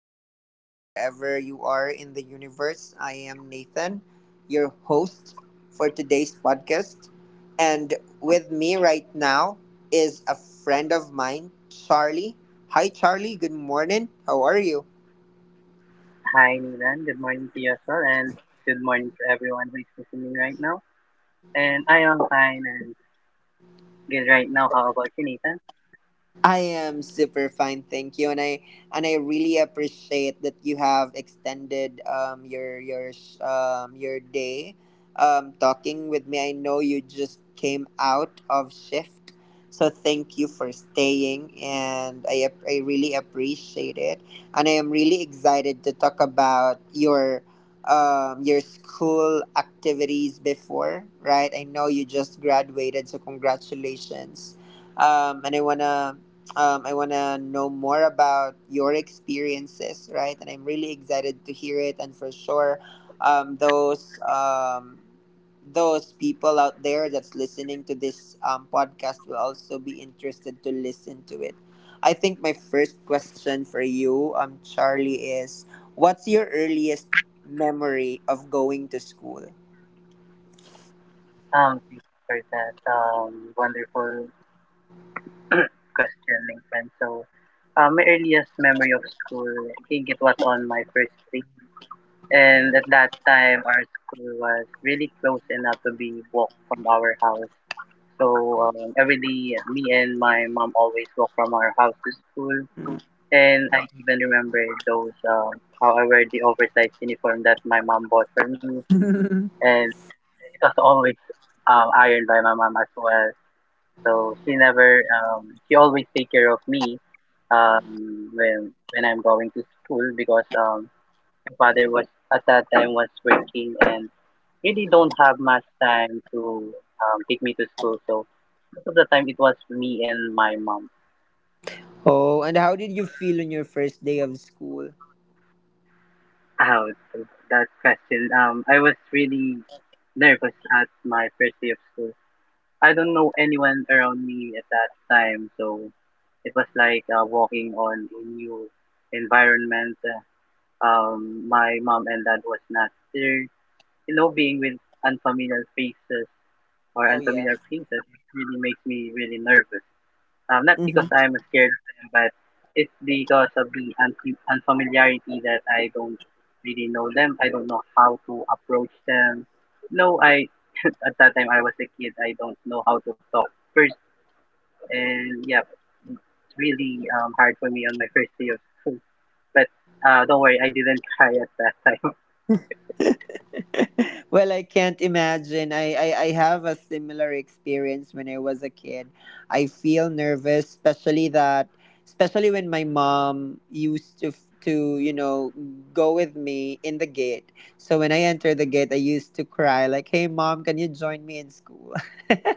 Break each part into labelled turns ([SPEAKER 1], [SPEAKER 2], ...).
[SPEAKER 1] afternoon, wherever you are in the universe. I am Nathan, your host for today's podcast. And with me right now is a friend of mine, Charlie. Hi, Charlie. Good morning. How are you?
[SPEAKER 2] Hi, Nilan. Good morning to you as well, and good morning to everyone who is listening right now. And I am fine and good right now. How about you, Nathan?
[SPEAKER 1] I am super fine, thank you, and I really appreciate that you have extended your day, talking with me. I know you just came out of shift, so thank you for staying, and I really appreciate it, and I am really excited to talk about your school activities before, right? I know you just graduated, so congratulations. And I wanna I want to know more about your experiences, right? And I'm really excited to hear it. And for sure, um, those um, those people out there that's listening to this podcast will also be interested to listen to it. I think my first question for you, Charlie, is what's your earliest memory of going to school?
[SPEAKER 2] Thank you for that wonderful question, Nathan. So, my earliest memory of school, I think it was on my first week, and at that time, our school was really close enough to be walked from our house. So every day, me and my mom always walk from our house to school. And I even remember those, how I wear the oversized uniform that my mom bought for me. And it was always ironed by my mom as well. So she never, she always take care of me when I'm going to school because my father was, at that time, was working and really don't have much time to take me to school. So most of the time it was me and my mom.
[SPEAKER 1] Oh, and how did you feel on your first day of school?
[SPEAKER 2] How to that question? I was really nervous at my first day of school. I don't know anyone around me at that time, so it was like walking on a new environment. My mom and dad was not there. You know, being with unfamiliar faces
[SPEAKER 1] Oh yeah.
[SPEAKER 2] unfamiliar faces really makes me really nervous. Not
[SPEAKER 1] Mm-hmm.
[SPEAKER 2] because I'm scared of them, but it's because of the unfamiliarity that I don't really know them. I don't know how to approach them. No, I at that time I was a kid. I don't know how to talk first, and yeah, it's really hard for me on my first day of school. But don't worry, I didn't cry at that time.
[SPEAKER 1] Well, I can't imagine. I have a similar experience when I was a kid. I feel nervous, especially that, especially when my mom used to, go with me in the gate. So when I enter the gate, I used to cry like, "Hey, mom, can you join me in school?"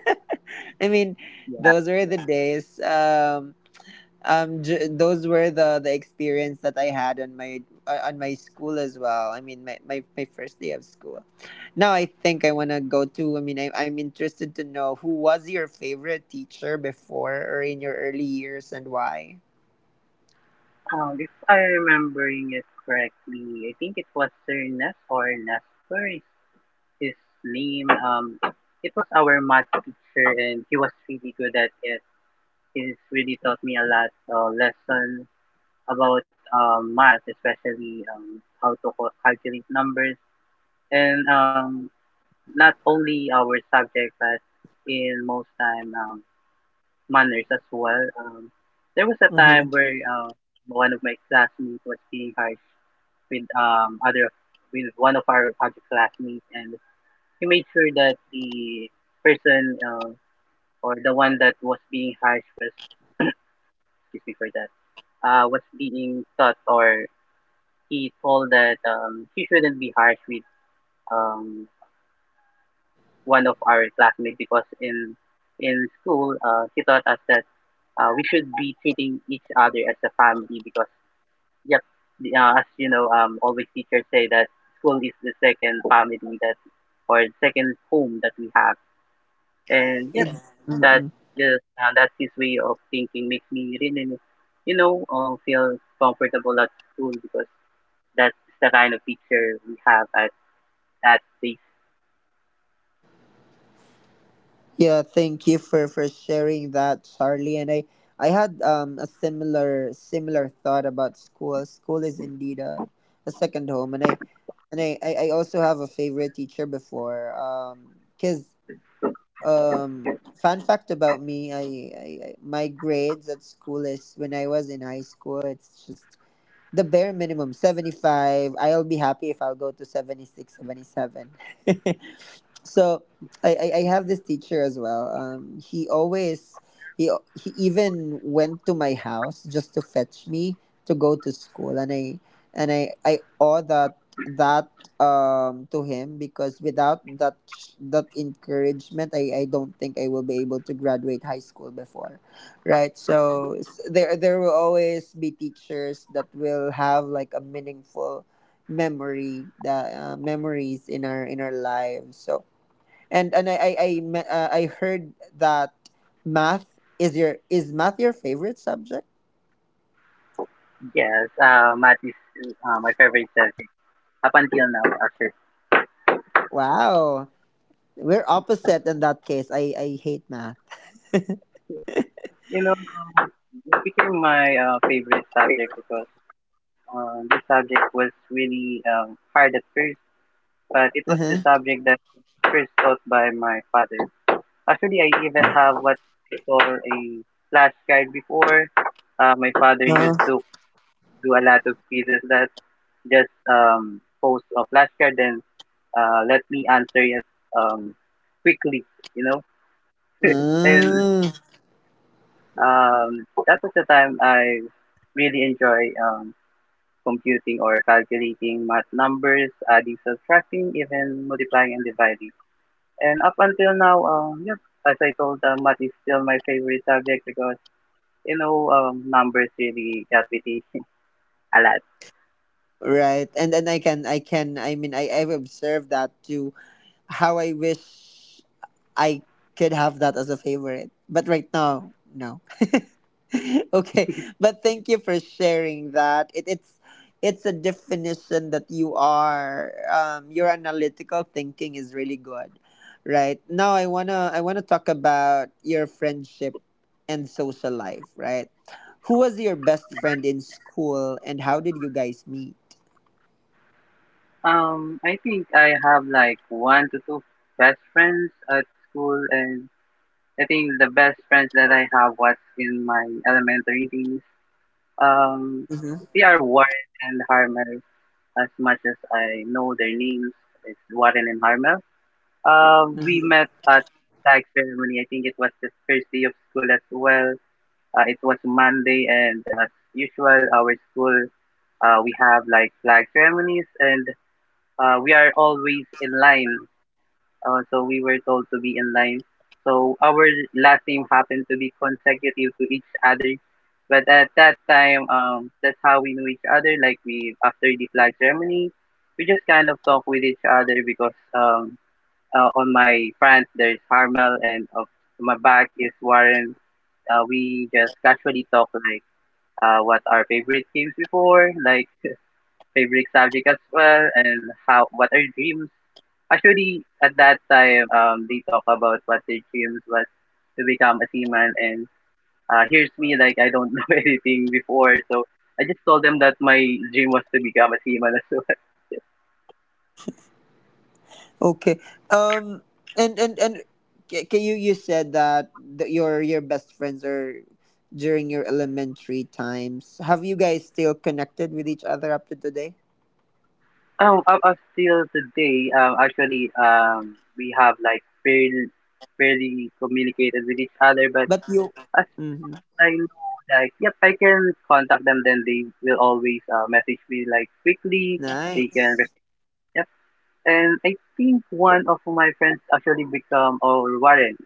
[SPEAKER 1] I mean,
[SPEAKER 2] yeah.
[SPEAKER 1] those were the days. Those were the experience that I had on my school as well. I mean, my first day of school. Now I think, I want to go to I mean I, I'm interested to know who was your favorite teacher before or in your early years and why.
[SPEAKER 2] If I'm remembering it correctly, I think it was Sir Ness or Nesper his name. It was our math teacher, and he was really good at it. He's really taught me a lot lesson about math, especially how to calculate numbers, and not only our subject, but in most time manners as well. There was a time
[SPEAKER 1] Mm-hmm.
[SPEAKER 2] where one of my classmates was being harsh with other with one of our other classmates, and he made sure that the person or the one that was being harsh was excuse me for that was being taught or he told that she shouldn't be harsh with um, one of our classmates because in school he taught us that we should be treating each other as a family because yep the, as you know always teachers say that school is the second family that or second home that we have and yeah that
[SPEAKER 1] Mm-mm.
[SPEAKER 2] yes, that his way of thinking makes me really, you know, feel comfortable at school because that's the kind of teacher we have at place.
[SPEAKER 1] Yeah, thank you for sharing that, Charlie. And I had a similar thought about school. School is indeed a second home, and I also have a favorite teacher before. Cause fun fact about me, I my grades at school is, when I was in high school, it's just the bare minimum, 75. I'll be happy if I'll go to 76, 77. So I have this teacher as well. He always he even went to my house just to fetch me to go to school, and I owe that to him, because without that encouragement I don't think I will be able to graduate high school before, right? So, there will always be teachers that will have like a meaningful memory that memories in our lives. So and I heard that, math is your is math your favorite subject?
[SPEAKER 2] Yes, math is my favorite subject up until now, actually.
[SPEAKER 1] Wow, we're opposite in that case. I hate math.
[SPEAKER 2] You know, it became my favorite subject because this subject was really hard at first, but it was the
[SPEAKER 1] Uh-huh.
[SPEAKER 2] subject that first taught by my father. Actually, I even have what they call a flashcard before. My father
[SPEAKER 1] Oh.
[SPEAKER 2] used to do a lot of quizzes that just post a flashcard and let me answer it um, quickly, you know. and
[SPEAKER 1] Mm,
[SPEAKER 2] um, that was the time I really enjoy computing or calculating math numbers, adding, subtracting, even multiplying and dividing. And up until now, yeah, as I told, math is still my favorite subject because you know, numbers really got me thinking a lot.
[SPEAKER 1] right. And then I can I can I mean I I've observed that too. How I wish I could have that as a favorite. But right now, no. Okay, but thank you for sharing that. It's a definition that you are, your analytical thinking is really good. Right now, I want to talk about your friendship and social life, right? Who was your best friend in school, and how did you guys meet?
[SPEAKER 2] I think I have like one to two best friends at school, and I think the best friends that I have was in my elementary days. Um,
[SPEAKER 1] Hmm.
[SPEAKER 2] they are Warren and Harmel. As much as I know their names, it's Warren and Harmel. We
[SPEAKER 1] Hmm.
[SPEAKER 2] met at tag ceremony. I think it was the first day of school as well. It was Monday, and as usual, our school we have like flag ceremonies, and we are always in line. So we were told to be in line. So our last name happened to be consecutive to each other. But at that time, that's how we knew each other. Like we after the flag ceremony, we just kind of talk with each other because on my front there's Harmel and of my back is Warren. We just casually talk like what our favorite games before, like favorite subject as well, and how what our dreams. Actually, at that time, they talk about what their dreams was to become a seaman, and here's me like I don't know anything before, so I just told them that my dream was to become a seaman as well.
[SPEAKER 1] Okay. Um. And ca- can you you said that, your best friends are during your elementary times. Have you guys still connected with each other up to today?
[SPEAKER 2] Up till today, actually, we have like fairly communicated with each other, but
[SPEAKER 1] But you.
[SPEAKER 2] as
[SPEAKER 1] Hmm.
[SPEAKER 2] I know, like, yep, I can contact them. Then they will always message me like quickly. They can,
[SPEAKER 1] Nice.
[SPEAKER 2] res- yep. And I think one of my friends actually become or Warren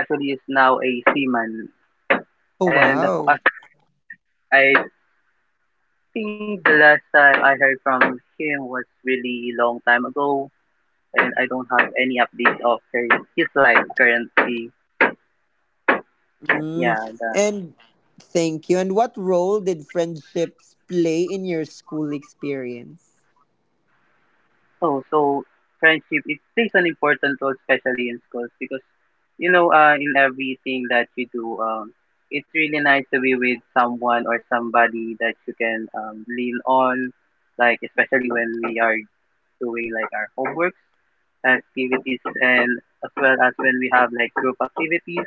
[SPEAKER 2] actually is now a seaman.
[SPEAKER 1] Oh
[SPEAKER 2] And of-
[SPEAKER 1] wow.
[SPEAKER 2] as I think the last time I heard from him was really long time ago, and I don't have any update of her, his life currently. Yeah.
[SPEAKER 1] Mm. And thank you. And what role did friendships play in your school experience?
[SPEAKER 2] Oh, so friendship, it plays an important role, especially in schools, because, you know, in everything that you do, it's really nice to be with someone or somebody that you can lean on, like, especially when we are doing, like, our homeworks, activities, and as well as when we have, like, group activities.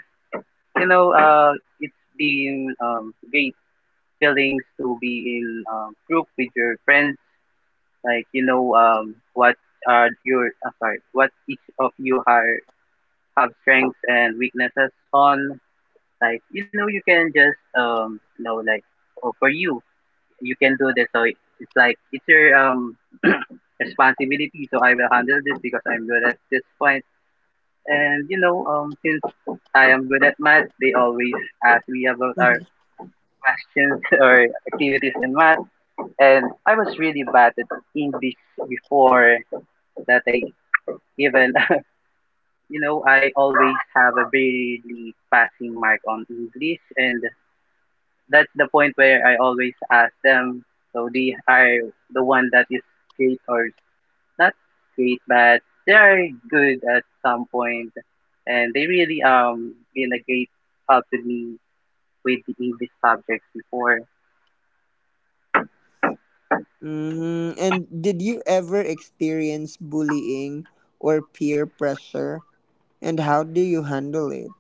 [SPEAKER 2] You know, it's been great feelings to be in group with your friends like you know what are your sorry what each of you are have strengths and weaknesses on like you know you can just you know like oh, for you you can do this so it's like it's your responsibility so I will handle this because I'm good at this point. And you know since I am good at math they always ask me about our
[SPEAKER 1] Mhm.
[SPEAKER 2] questions or activities in math and I was really bad at English before that I even you know I always have a barely passing mark on English and that's the point where I always ask them so they are the one that is great or not great but they are good at some point and they really been a great help to me with the English subjects before.
[SPEAKER 1] Mm. And did you ever experience bullying or peer pressure? And how do you handle it?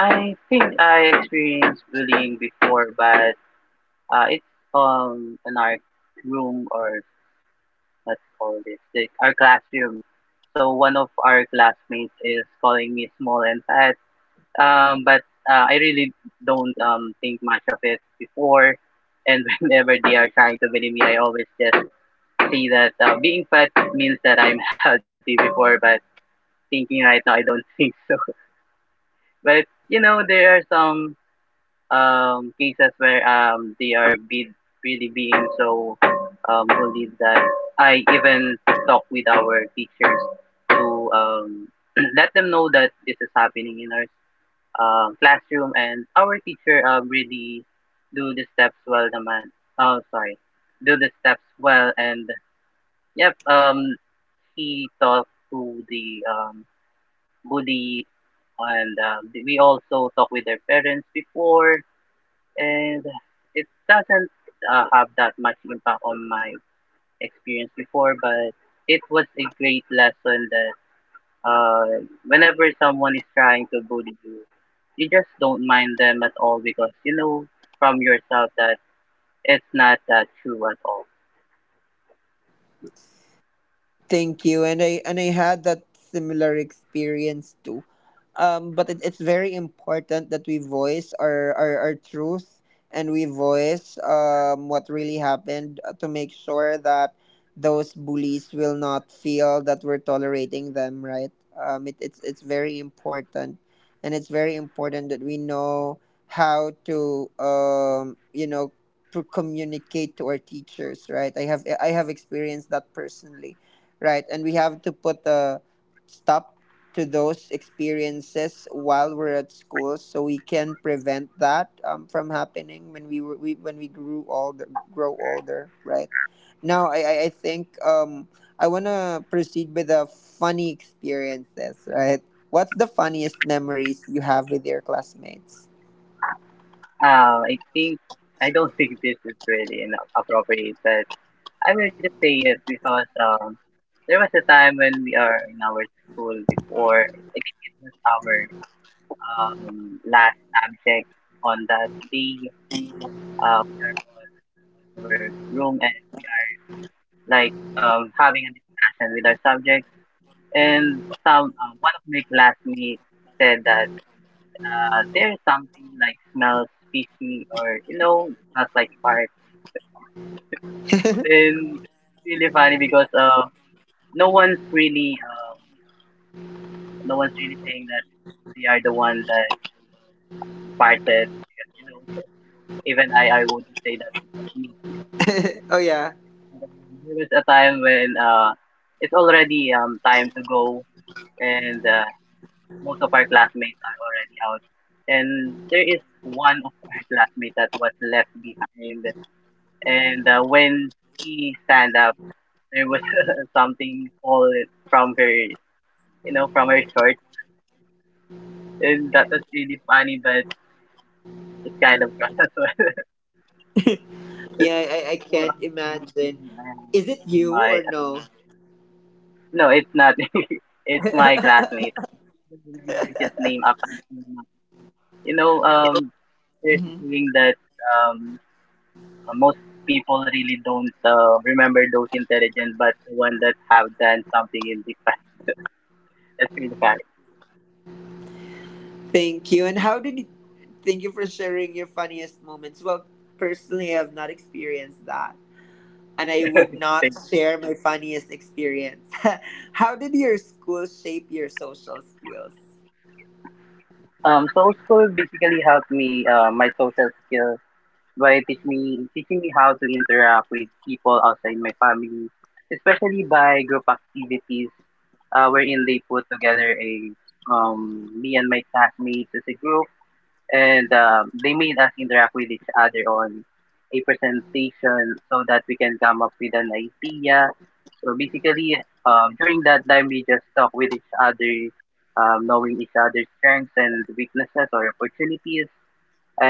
[SPEAKER 2] I think I experienced bullying before but it's in our room or let's call this like our classroom. So one of our classmates is calling me small and fat. But I really don't think much of it before. And whenever they are trying to bully me, I always just see that being fat means that I'm healthy before. But thinking right now, I don't think so. But you know, there are some cases where really being so bullied that I even talk with our teachers to let them know that this is happening in our classroom and our teacher really do the steps well The naman. Oh, sorry. Do the steps well and yep, he talked to the bully and we also talked with their parents before and it doesn't have that much impact on my experience before but it was a great lesson that uh, whenever someone is trying to bully you you just don't mind them at all because you know from yourself that it's not that true at all.
[SPEAKER 1] Thank you. And I had that similar experience too. But it, it's very important that we voice our truth, and we voice what really happened to make sure that those bullies will not feel that we're tolerating them, right? It, it's very important. And it's very important that we know how to, to communicate to our teachers, right? I have experienced that personally. Right, and we have to put a stop to those experiences while we're at school, so we can prevent that from happening when we, were, we when we grow older. Right now, I think, I wanna proceed with the funny experiences. Right, what's the funniest memories you have with your classmates?
[SPEAKER 2] I think I don't think this is really an appropriate but I will just say it because there was a time when we are in our school before I think it was our last subject on that day. We are in our room and we are like having a discussion with our subjects. And some one of my classmates said that there's something like smells fishy or you know smells like fart. And really funny because no one's really um, no one's really saying that they are the one that farted. Because, you know, even I wouldn't say that.
[SPEAKER 1] Oh yeah,
[SPEAKER 2] There was a time when it's already time to go, and most of our classmates are already out. And there is one of our classmates that was left behind. And when she stand up, there was something fallen from her, you know, from her shirt. And that was really funny, but it's kind of gross as well.
[SPEAKER 1] yeah,
[SPEAKER 2] That's
[SPEAKER 1] I
[SPEAKER 2] all
[SPEAKER 1] can't
[SPEAKER 2] I have
[SPEAKER 1] imagine. Is it
[SPEAKER 2] in
[SPEAKER 1] you or
[SPEAKER 2] my.
[SPEAKER 1] no?
[SPEAKER 2] No, it's not. It's my classmate. I don't remember his name up until now. You know, um, there's a
[SPEAKER 1] Mhm.
[SPEAKER 2] saying that um, most people really don't remember those intelligent, but the one that have done something in the past. That's really funny.
[SPEAKER 1] Thank you. And how did you, thank you for sharing your funniest moments. Well, personally, I've not experienced that. And I would not
[SPEAKER 2] thing.
[SPEAKER 1] share my funniest experience. How did your school shape your social skills?
[SPEAKER 2] So school basically helped me my social skills by teaching me how to interact with people outside my family, especially by group activities, wherein they put together a me and my classmates as a group, and they made us interact with each other on a presentation so that we can come up with an idea. So basically, during that time, we just talk with each other, knowing each other's strengths and weaknesses or opportunities.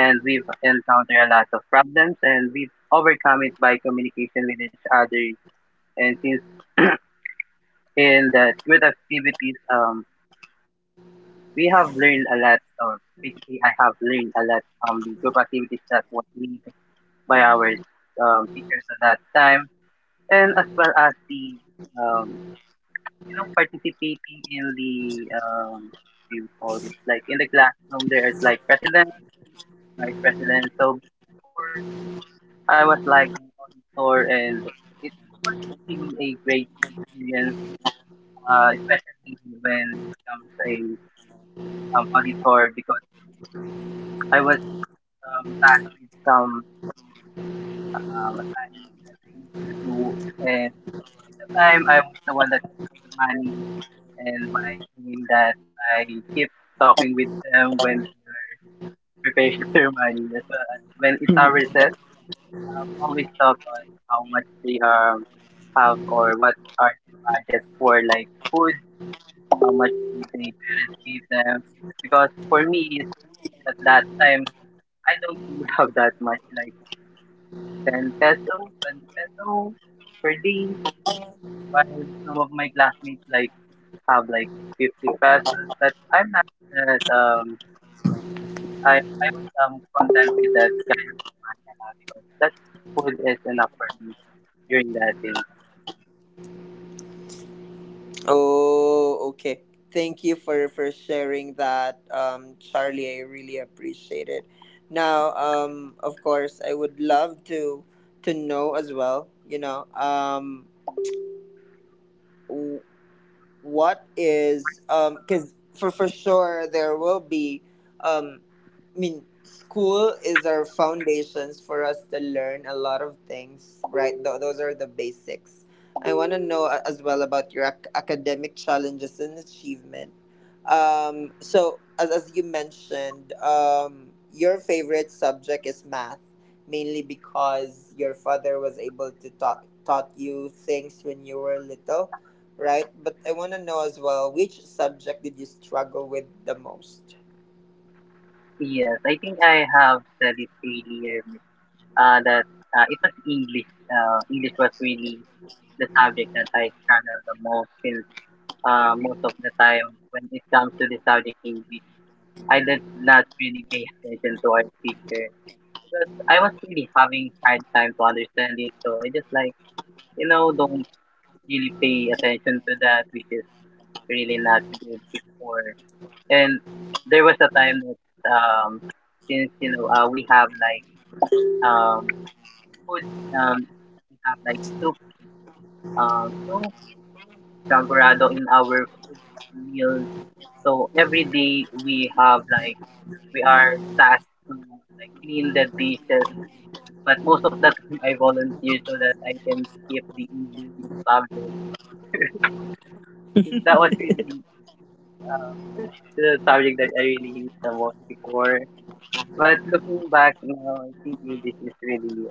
[SPEAKER 2] And we've encountered a lot of problems, and we've overcome it by communication with each other. And since in that good activities, we have learned a lot, or basically, I have learned a lot from the group activities that was made by our teachers at that time, and as well as the um, participating in the what do you call this, like in the classroom. There's like president, vice president. So before I was like the auditor, and it was really a great experience, especially when it comes a auditor because. I was tackling some assignments that I need to do. And at the time, I was the one that collected money. And by doing that, I keep talking with them when they're preparing their money as well as when it's our
[SPEAKER 1] Mhm.
[SPEAKER 2] recess. I'm always talk on how much they have, or what are their budgets for like food, how much do they parents give them. Because for me, at that time, I don't really have that much. Like, 10 peso, 20 peso per day, while some of my classmates like have like 50 pesos. But I'm not that I was content with that kind of, because that food is enough for me during that day.
[SPEAKER 1] Oh, okay. Thank you for sharing that, Charlie. I really appreciate it. Now, of course, I would love to know as well, you know, what is because for sure there will be um I mean, school is our foundations for us to learn a lot of things, right? Those are the basics. I want to know, as well, about your academic challenges and achievement. So, as you mentioned, your favorite subject is math, mainly because your father was able to taught you things when you were little, right? But I want to know as well, which subject did you struggle with the most?
[SPEAKER 2] Yes, I think I have said it earlier, that it was English. English was really the subject that I struggled the most, since most of the time when it comes to the subject English. I did not really pay attention to our teacher because I was really having hard time to understand it. So I just like, don't really pay attention to that, which is really not good before. And there was a time that, since, we have like, um, food, um, we have like soup, so champorado in our food meal. So every day we are tasked to like clean the dishes, but most of the time I volunteer so that I can skip the English subject. 'Cause that was really the subject that I really hate the most before. But looking back now, I think English is really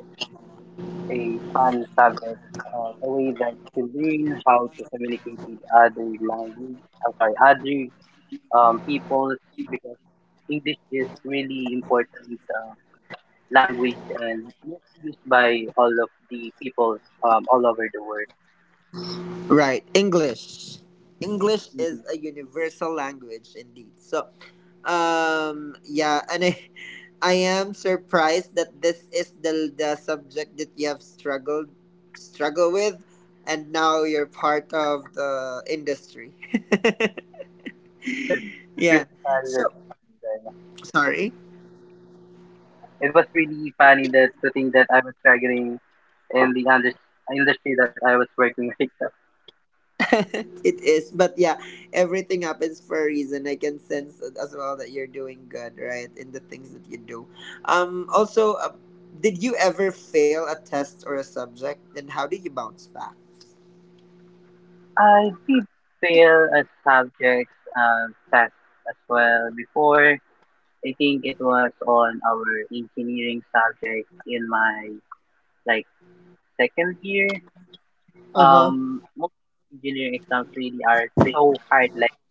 [SPEAKER 2] a fun subject. The way that you learn how to communicate with other language, I'm sorry, other peoples, because English is really important language and used by all of the people, all over the world.
[SPEAKER 1] Right, English. English is
[SPEAKER 2] Mm-hmm.
[SPEAKER 1] a universal language indeed. So, yeah, and I I am surprised that this is the subject that you have struggle with, and now you're part of the industry.
[SPEAKER 2] It's
[SPEAKER 1] Yeah.
[SPEAKER 2] really funny
[SPEAKER 1] So,
[SPEAKER 2] that
[SPEAKER 1] sorry.
[SPEAKER 2] it was really funny that, to think that I was struggling in the industry that I was working with. So
[SPEAKER 1] It is, but yeah, everything happens for a reason. I can sense it as well that you're doing good, right, in the things that you do. Also Did you ever fail a test or a subject, and how did you bounce back?
[SPEAKER 2] I did fail a subject, uh, test as well before. I think it was on our engineering subject in my like second year.
[SPEAKER 1] Uh-huh.
[SPEAKER 2] Most engineering exams really are so hard. Like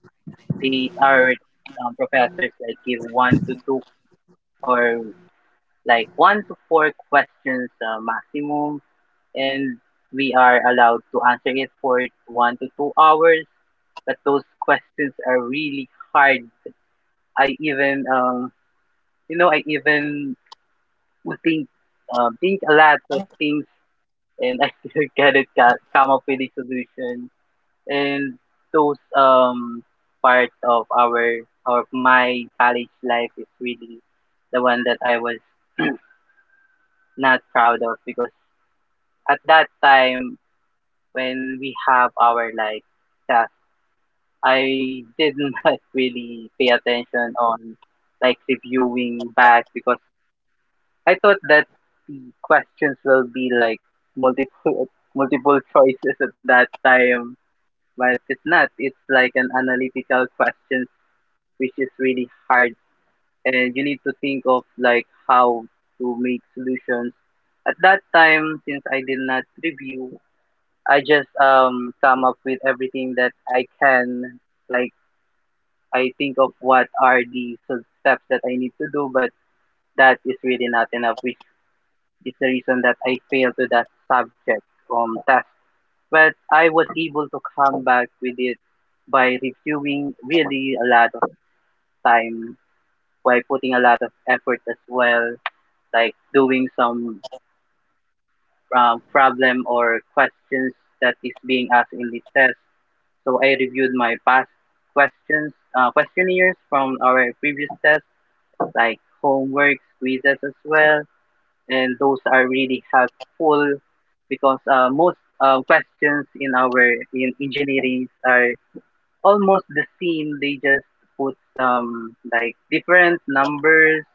[SPEAKER 2] they are professors like give one to two, or like one to four questions, maximum, and we are allowed to answer it for 1 to 2 hours. But those questions are really hard. I even, um, I even would think a lot of things, and I still cannot come up with a solution. And those part of my college life is really the one that I was not proud of, because at that time when we have our like class, I did not really pay attention on like reviewing back, because I thought that the questions will be like multiple multiple choices at that time, but it's not. It's like an analytical question, which is really hard, and you need to think of like how to make solutions. At that time, since I did not review, I just come up with everything that I can. Like, I think of what are the steps that I need to do, but that is really not enough, which is the reason that I failed to that subject test. But I was able to come back with it by reviewing really a lot of time, by putting a lot of effort as well, like doing some problem or questions that is being asked in the test. So I reviewed my past questionnaires from our previous tests, like homework, quizzes as well, and those are really helpful because most questions in engineering are almost the same. They just put like different numbers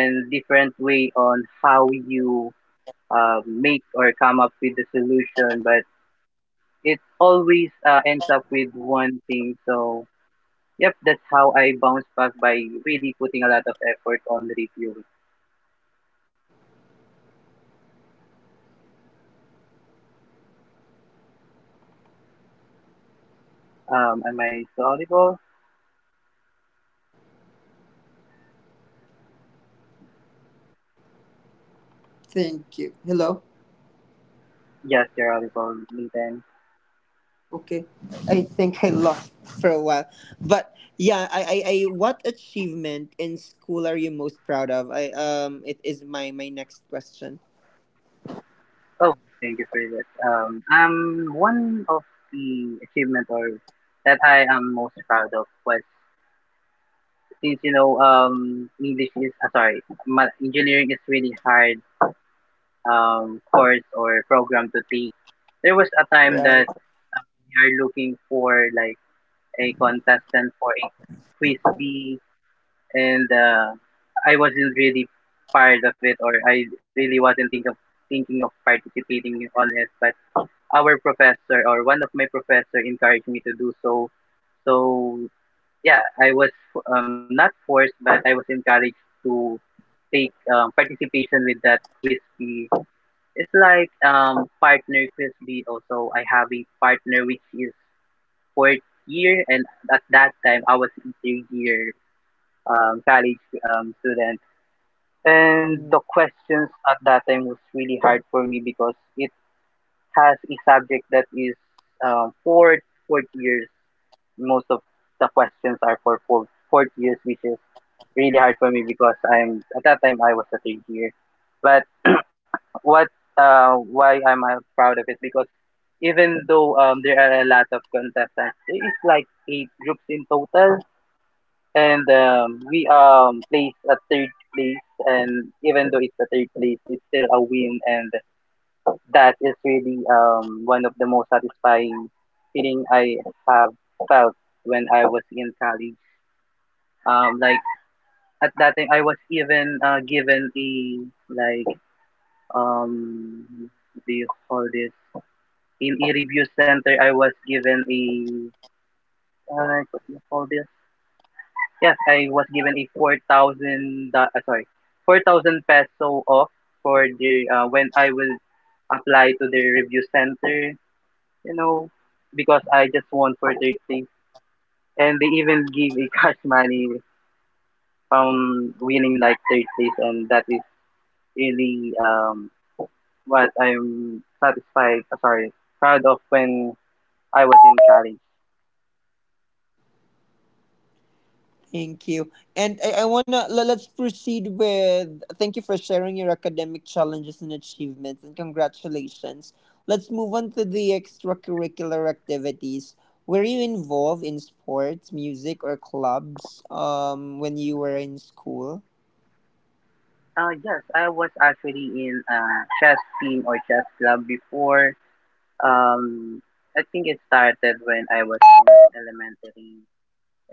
[SPEAKER 2] and different way on how you make or come up with the solution, but it always ends up with one thing. So, yep, that's how I bounce back, by really putting a lot of effort on the review. Am I still audible?
[SPEAKER 1] Thank you. Hello.
[SPEAKER 2] Yes, you're audible, Nathan.
[SPEAKER 1] Okay, I think I lost for a while, but yeah, I what achievement in school are you most proud of? I It is my my next question.
[SPEAKER 2] Oh, thank you for that. One of the achievement or that I am most proud of was, since English is, sorry, engineering is really hard course or program to take. There was a time
[SPEAKER 1] Right.
[SPEAKER 2] that we are looking for like a contestant for a quiz bee, and I wasn't really part of it, or I really wasn't thinking of participating on it. But our professor, or one of my professor, encouraged me to do so. So yeah, I was not forced, but I was encouraged to take participation with that quiz bee. It's like partner quiz bee. Also, I have a partner which is fourth year, and at that time I was in third year, college student. And the questions at that time was really hard for me, because it has a subject that is um, fourth fourth years. Most of the questions are for fourth years, which is really hard for me because I'm at that time I was a third year. But what why am I proud of it? Because even though there are a lot of contestants, there is like eight groups in total, and we placed at third place, and even though it's a third place, it's still a win. And that is really one of the most satisfying feeling I have felt when I was in college. Like at that time I was even given a, like, um what do you call this, in a review center. I was given a, what do you call this, yeah, I was given a 4,000, 4,000 peso off for when I will apply to the review center, you know, because I just won for 30. And they even give a cash money from winning like 30s, and that is really what I'm satisfied, sorry, proud of when I was in college.
[SPEAKER 1] Thank you. And let's proceed with, thank you for sharing your academic challenges and achievements, and congratulations. Let's move on to the extracurricular activities. Were you involved in sports, music or clubs when you were in school?
[SPEAKER 2] Yes, I was actually in a chess team or chess club before. Um, I think it started when I was in elementary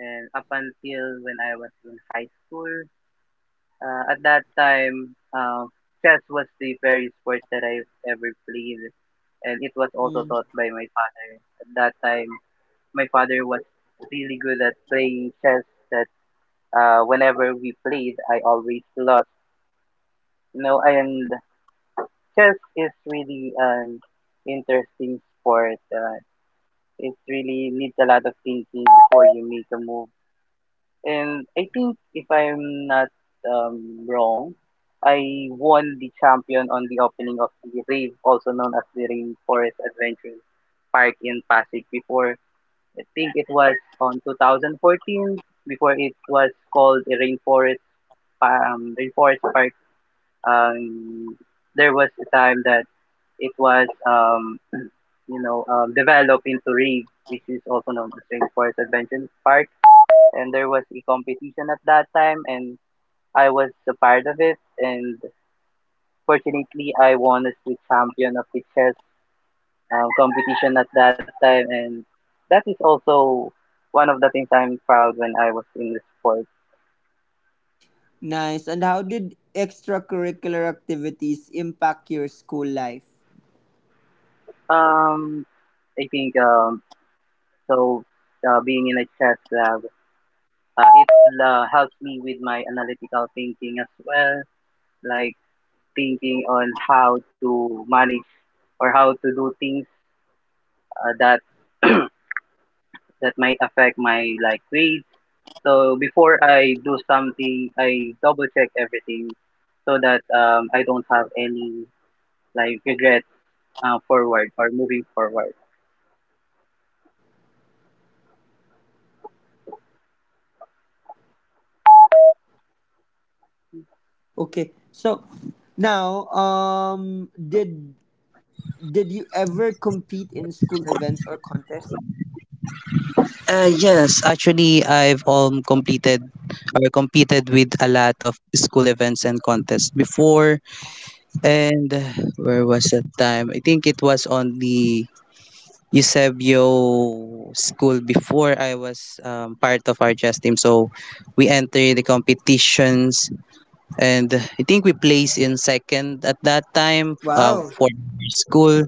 [SPEAKER 2] and up until when I was in high school. At that time, chess was the very sport that I've ever played, and it was also
[SPEAKER 1] Mm,
[SPEAKER 2] taught by my father. At that time, my father was really good at playing chess. That Whenever we played, I always lost. And chess is really an interesting sport. It really needs a lot of thinking before you make a move. And I think, if I'm not wrong, I won the champion on the opening of the Rave, also known as the Rainforest Adventure Park in Pasig before. I think it was on 2014 before it was called a Rainforest Rainforest Park. Um, there was a time that it was developed into Rave, which is also known as Rave Forest Adventure Park. And there was a competition at that time, and I was a part of it. And fortunately, I won as the champion of the chess competition at that time. And that is also one of the things I'm proud when I was in the sport.
[SPEAKER 1] nice. And how did extracurricular activities impact your school life?
[SPEAKER 2] Um, I think so. Being in a chess club, it helps me with my analytical thinking as well. Like thinking on how to manage or how to do things that that might affect my like grades. So before I do something, I double check everything so that I don't have any like regrets forward or moving forward.
[SPEAKER 1] Okay. So now did you ever compete in school events or contests?
[SPEAKER 2] Yes, actually, I've completed or competed with a lot of school events and contests before. And where was that time? I think it was on the Eusebio school before I was part of our chess team. So we entered the competitions, and I think we placed in second at that time
[SPEAKER 1] Wow.
[SPEAKER 2] for school.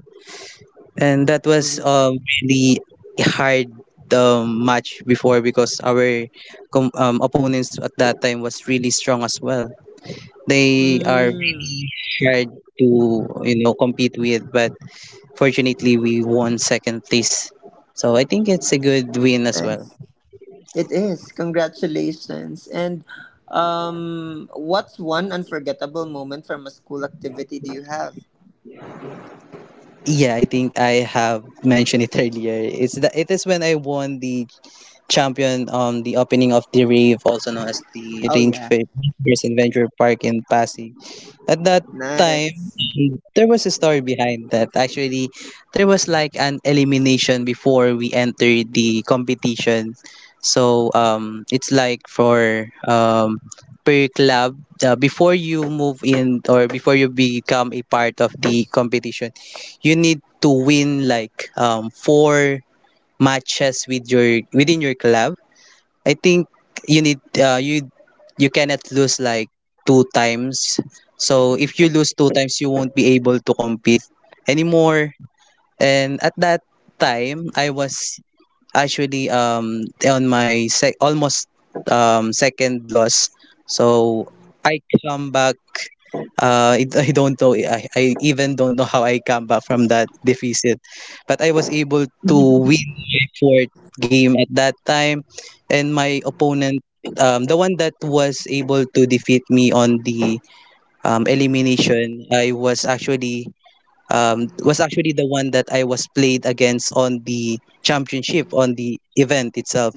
[SPEAKER 2] And that was
[SPEAKER 1] Mm-hmm.
[SPEAKER 2] really hard match before because our opponents at that time was really strong as well. They are
[SPEAKER 1] Mm,
[SPEAKER 2] hard to compete with, but fortunately, we won second place. So I think it's a good win as well.
[SPEAKER 1] nice. It is. Congratulations. And what's one unforgettable moment from a school activity do you have?
[SPEAKER 2] Yeah, I think I have mentioned it earlier. It's the it is when I won the champion on the opening of the rave, also known as the
[SPEAKER 1] Oh,
[SPEAKER 2] Range
[SPEAKER 1] yeah.
[SPEAKER 2] Fair Adventure Park in Pasig. At that time,
[SPEAKER 1] Nice.
[SPEAKER 2] there was a story behind that. Actually, there was like an elimination before we entered the competition. So it's like for per club before you move in or before you become a part of the competition, you need to win like four matches within your club. I think you need you cannot lose like two times. So if you lose two times, you won't be able to compete anymore. And at that time, I was actually on my almost second loss. So I come back. I don't know. I even don't know how I come back from that deficit, but I was able to win fourth game at that time, and my opponent, the one that was able to defeat me on the elimination, I was actually the one that I was played against on the championship on the event itself.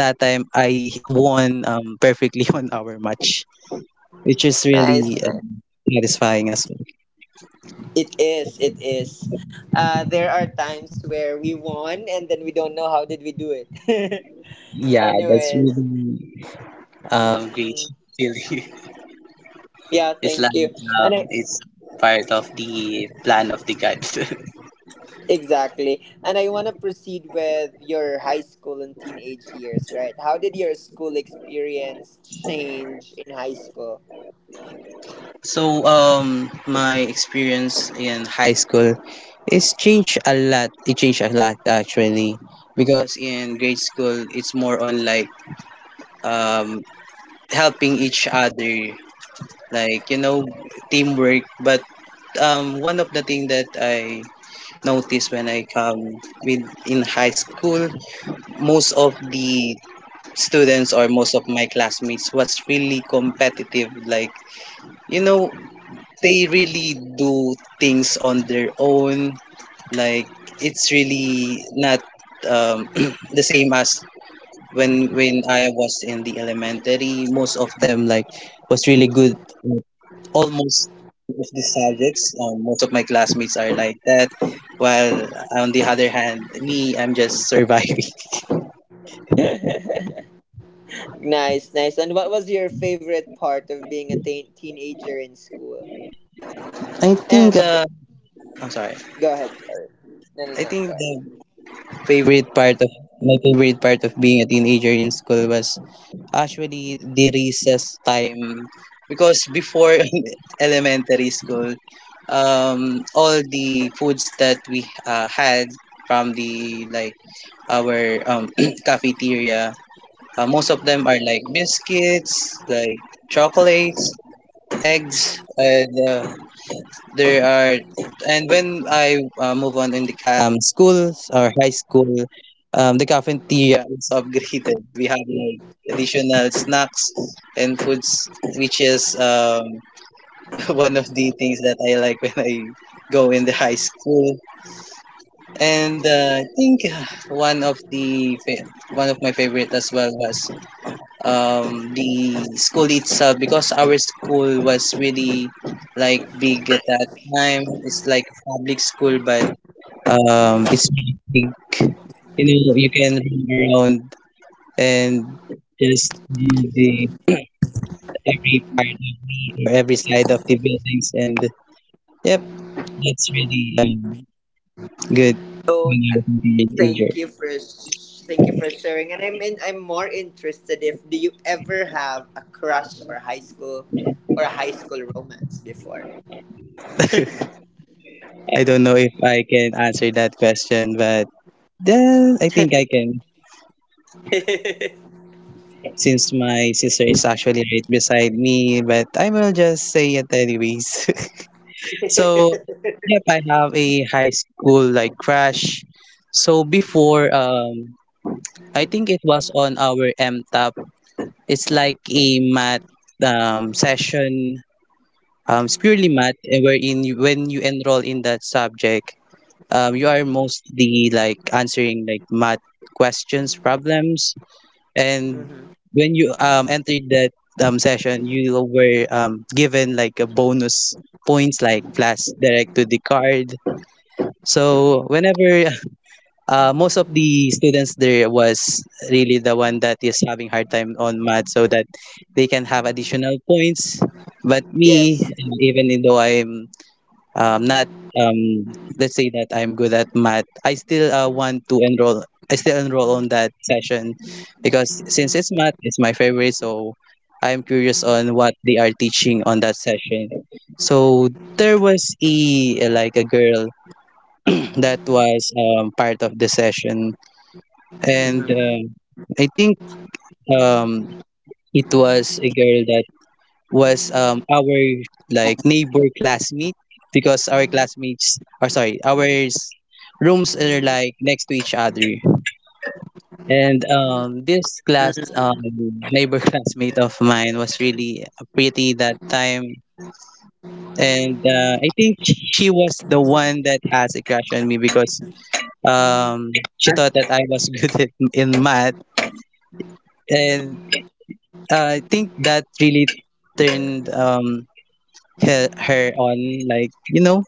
[SPEAKER 2] That time I won perfectly on our match, which is
[SPEAKER 1] Nice.
[SPEAKER 2] really
[SPEAKER 1] Nice.
[SPEAKER 2] satisfying as well.
[SPEAKER 1] It is. It is. There are times where we won and then we don't know how did we do it.
[SPEAKER 2] Yeah, that's
[SPEAKER 1] Anyways.
[SPEAKER 2] really great
[SPEAKER 1] Mm-mm.
[SPEAKER 2] feeling.
[SPEAKER 1] Yeah, thank
[SPEAKER 2] Islam
[SPEAKER 1] you.
[SPEAKER 2] is
[SPEAKER 1] And I.
[SPEAKER 2] part of the plan of the God.
[SPEAKER 1] Exactly. And I want to proceed with your high school and teenage years, right? How did your school experience change in high school?
[SPEAKER 2] So my experience in high school is changed a lot. It changed a lot actually, because in grade school it's more on like um, helping each other, like you know, teamwork. But one of the thing that I noticed when I come with in high school, most of the students or most of my classmates was really competitive, you know they really do things on their own, like it's really not the same as when I was in the elementary. Most of them like was really good at almost all of the subjects. Most of my classmates are like that, while on the other hand, me, I'm just surviving.
[SPEAKER 1] Nice, nice. And what was your favorite part of being a teenager in school?
[SPEAKER 2] I think
[SPEAKER 1] And
[SPEAKER 2] I'm sorry.
[SPEAKER 1] go ahead, sorry. No, no,
[SPEAKER 2] I
[SPEAKER 1] no,
[SPEAKER 2] think
[SPEAKER 1] go ahead.
[SPEAKER 2] the favorite part of being a teenager in school was actually the recess time, because before elementary school, all the foods that we had from the like our cafeteria, most of them are like biscuits, like chocolates, eggs, and there are. And when I move on in the schools or high school, the cafeteria is upgraded. We have like additional snacks and foods, which is one of the things that I like when I go in the high school. And I think one of the one of my favorite as well was the school itself because our school was really like big at that time. It's like public school, but it's big. You know, you can run around and just do the every part or every side of the buildings, and yep, that's really good
[SPEAKER 1] Oh,
[SPEAKER 2] when you're a teenager.
[SPEAKER 1] thank you for thank you for sharing. And I'm more interested, if do you ever have a crush or high school or a high school romance before?
[SPEAKER 2] I don't know if I can answer that question, but then I think I can, since my sister is actually right beside me, but I will just say it anyways. So, yep, I have a high school like crush. So before, I think it was on our MTAP. It's like a math session. It's purely math, eh, wherein you, when you enroll in that subject, you are mostly like answering like math questions, problems, and
[SPEAKER 1] Mm-hmm.
[SPEAKER 2] when you entered that session, you were given like a bonus points like flash direct to the card. So whenever most of the students there was really the one that is having hard time on math so that they can have additional points. But me,
[SPEAKER 1] Yes.
[SPEAKER 2] even though I'm not um, let's say that I'm good at math, I still want to enroll. I still enroll on that session, because since it's math, it's my favorite. So I'm curious on what they are teaching on that session. So there was a like a girl that was part of the session, and
[SPEAKER 1] Mm-hmm.
[SPEAKER 2] I think um, it was a girl that was our like neighbor classmate, because our classmates, or sorry, our rooms are like next to each other. And this class neighbor classmate of mine was really pretty that time. And I think she was the one that has a crush on me, because um, she thought that I was good at, in math. And I think that really turned her on, like you know.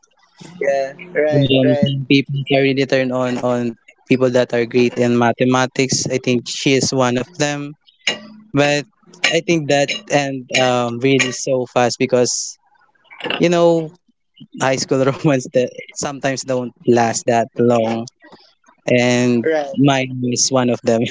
[SPEAKER 1] Yeah. Right. Right.
[SPEAKER 2] Some people can really turn on people that are great in mathematics. I think she is one of them. But I think that and really so fast, because you know, high school romance that sometimes don't last that long, and
[SPEAKER 1] Right.
[SPEAKER 2] mine is one of them.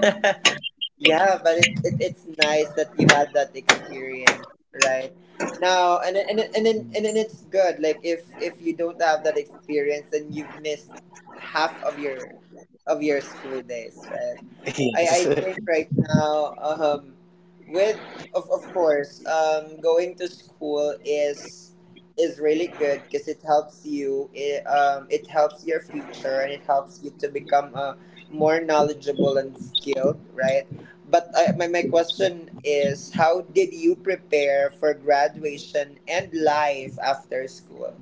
[SPEAKER 1] Yeah, but it it's nice that you had that experience, right? Now and then it's good. Like, if you don't have that experience, then you've missed half of your school days, right? I
[SPEAKER 2] Yes.
[SPEAKER 1] think right now, with of course, going to school is really good because it helps you. It, it helps your future and it helps you to become a more knowledgeable and skilled, right? But my question is, how did you prepare for graduation and life after school?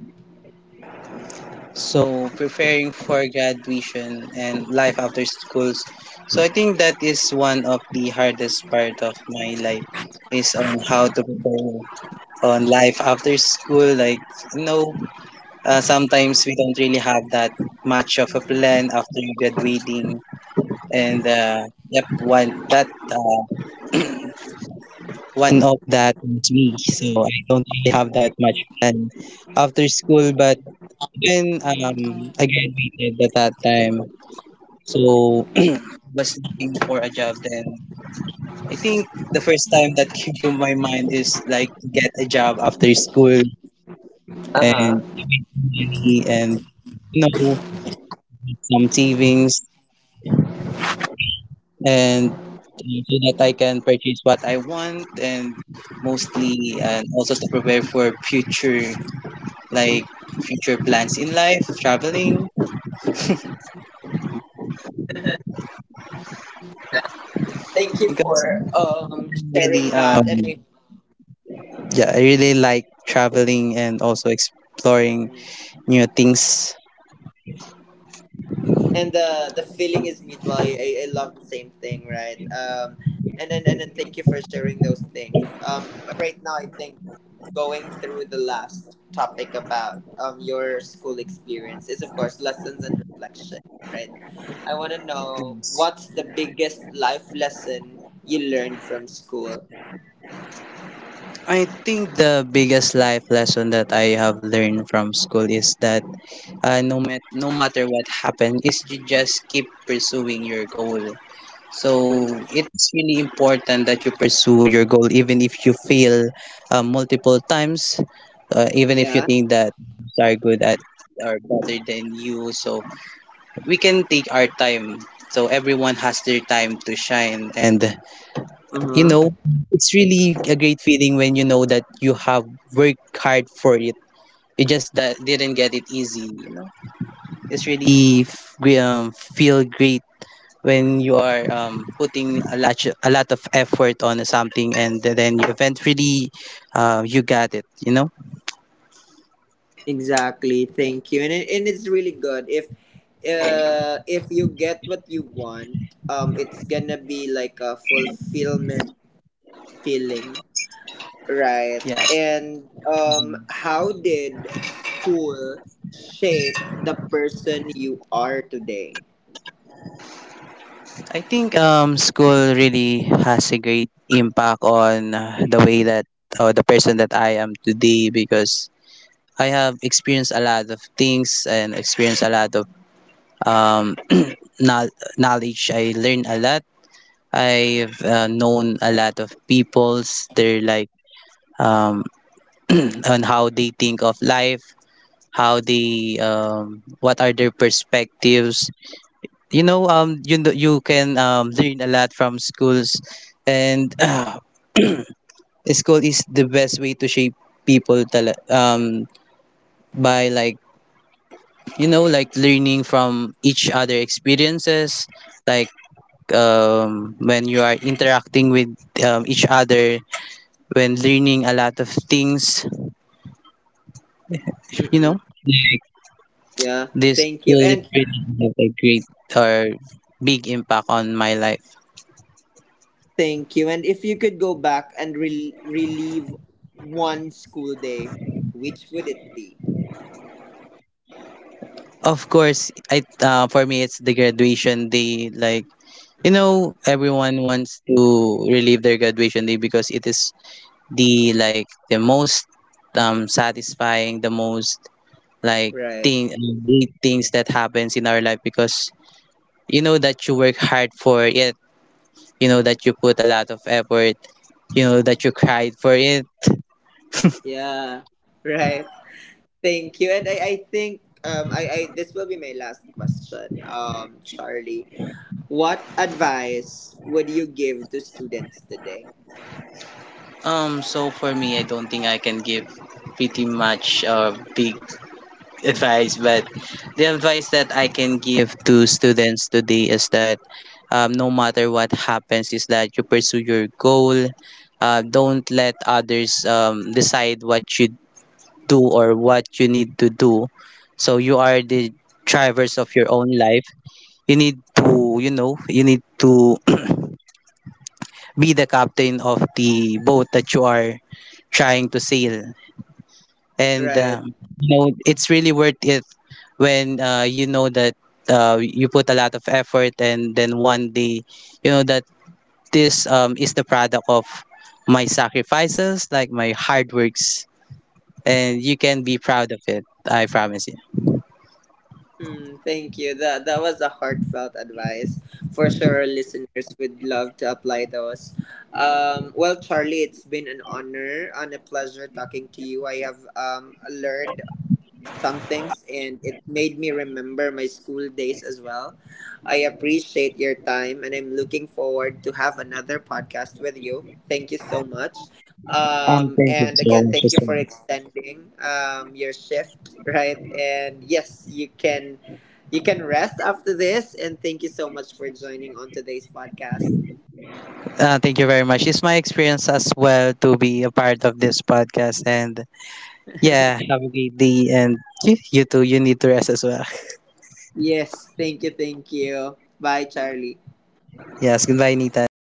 [SPEAKER 2] So preparing for graduation and life after schools. So I think that is one of the hardest part of my life is on how to prepare on life after school. Like, you know, sometimes we don't really have that much of a plan after graduating. And, yep, one of that is me. So I don't really have that much plan after school. But when I graduated at that time, so was looking for a job. Then I think the first time that came to my mind is like get a job after school
[SPEAKER 1] Uh
[SPEAKER 2] and
[SPEAKER 1] huh.
[SPEAKER 2] money and, you know, some savings and so that I can purchase what I want. And mostly and also to prepare for future, like future plans in life, traveling,
[SPEAKER 1] Thank you
[SPEAKER 2] because
[SPEAKER 1] for
[SPEAKER 2] I
[SPEAKER 1] sharing
[SPEAKER 2] really
[SPEAKER 1] that. And
[SPEAKER 2] yeah, I really like traveling and also exploring new things.
[SPEAKER 1] and the feeling is mutual. I love the same thing, right? And then, thank you for sharing those things. But right now, I think going through the last topic about your school experience is, of course, lessons and reflection, right? I want to know,
[SPEAKER 2] Yes.
[SPEAKER 1] what's the biggest life lesson you learned from school?
[SPEAKER 2] I think the biggest life lesson that I have learned from school is that no matter what happens, is you just keep pursuing your goal. So
[SPEAKER 1] Hmm.
[SPEAKER 2] it's really important that you pursue your goal, even if you fail multiple times, even if you
[SPEAKER 1] Yeah.
[SPEAKER 2] think that are good at or better than you. So we can take our time. So everyone has their time to shine, and, you
[SPEAKER 1] Mm-hmm.
[SPEAKER 2] know, it's really a great feeling when you know that you have worked hard for it. You just that didn't get it easy. You know, it's really feel great when you are putting a lot of effort on something and then you eventually you got it, you know.
[SPEAKER 1] Exactly. Thank you. And it, and it's really good if you get what you want, it's going to be like a fulfillment feeling, right?
[SPEAKER 2] Yes,
[SPEAKER 1] And how did school shape the person you are today?
[SPEAKER 2] I think school really has a great impact on the way that or the person that I am today, because I have experienced a lot of things and experienced a lot of um, knowledge. I learned a lot. I've known a lot of people's their like um, on how they think of life, how they what are their perspectives. You know, you know, you can learn a lot from schools. And school is the best way to shape people by like, you know, like learning from each other experiences, like when you are interacting with each other, when learning a lot of things, you
[SPEAKER 1] Mm-mm.
[SPEAKER 2] know,
[SPEAKER 1] Yeah.
[SPEAKER 2] this
[SPEAKER 1] Thank you.
[SPEAKER 2] will
[SPEAKER 1] And
[SPEAKER 2] really have a great or big impact on my life.
[SPEAKER 1] thank you. And if you could go back and relieve one school day, which would it be?
[SPEAKER 2] Of course, I for me it's the graduation day. Like, you know, everyone wants to relive their graduation day because it is the like the most satisfying, the most like
[SPEAKER 1] Right.
[SPEAKER 2] thing great things that happens in our life, because you know that you work hard for it. You know that you put a lot of effort. You know that you cried for it.
[SPEAKER 1] Yeah. Right. Thank you. And I think, I this will be my last question, Charlie. What advice would you give to students today?
[SPEAKER 2] So for me, I don't think I can give pretty much a big advice, but the advice that I can give to students today is that no matter what happens, is that you pursue your goal. Don't let others decide what you do or what you need to do. So you are the drivers of your own life. You need to, you know, you need to be the captain of the boat that you are trying to sail. And
[SPEAKER 1] Right.
[SPEAKER 2] you know, it's really worth it when you know that you put a lot of effort and then one day you know that this is the product of my sacrifices, like my hard works, and you can be proud of it. I promise you.
[SPEAKER 1] Mm, thank you. That that was a heartfelt advice. For sure, our listeners would love to apply those. Well, Charlie, it's been an honor and a pleasure talking to you. I have learned some things, and it made me remember my school days as well. I appreciate your time, and I'm looking forward to have another podcast with you. Thank you so much.
[SPEAKER 2] Thank you
[SPEAKER 1] And
[SPEAKER 2] so
[SPEAKER 1] again,
[SPEAKER 2] much,
[SPEAKER 1] thank you for
[SPEAKER 2] Justin.
[SPEAKER 1] extending your shift, right? And yes, you can rest after this, and thank you so much for joining on today's podcast.
[SPEAKER 2] Thank you very much. It's my experience as well to be a part of this podcast. And yeah, have a great day. And you too, you need to rest as well.
[SPEAKER 1] Yes, thank you, thank you. Bye, Charlie.
[SPEAKER 2] Yes, goodbye, Nathan.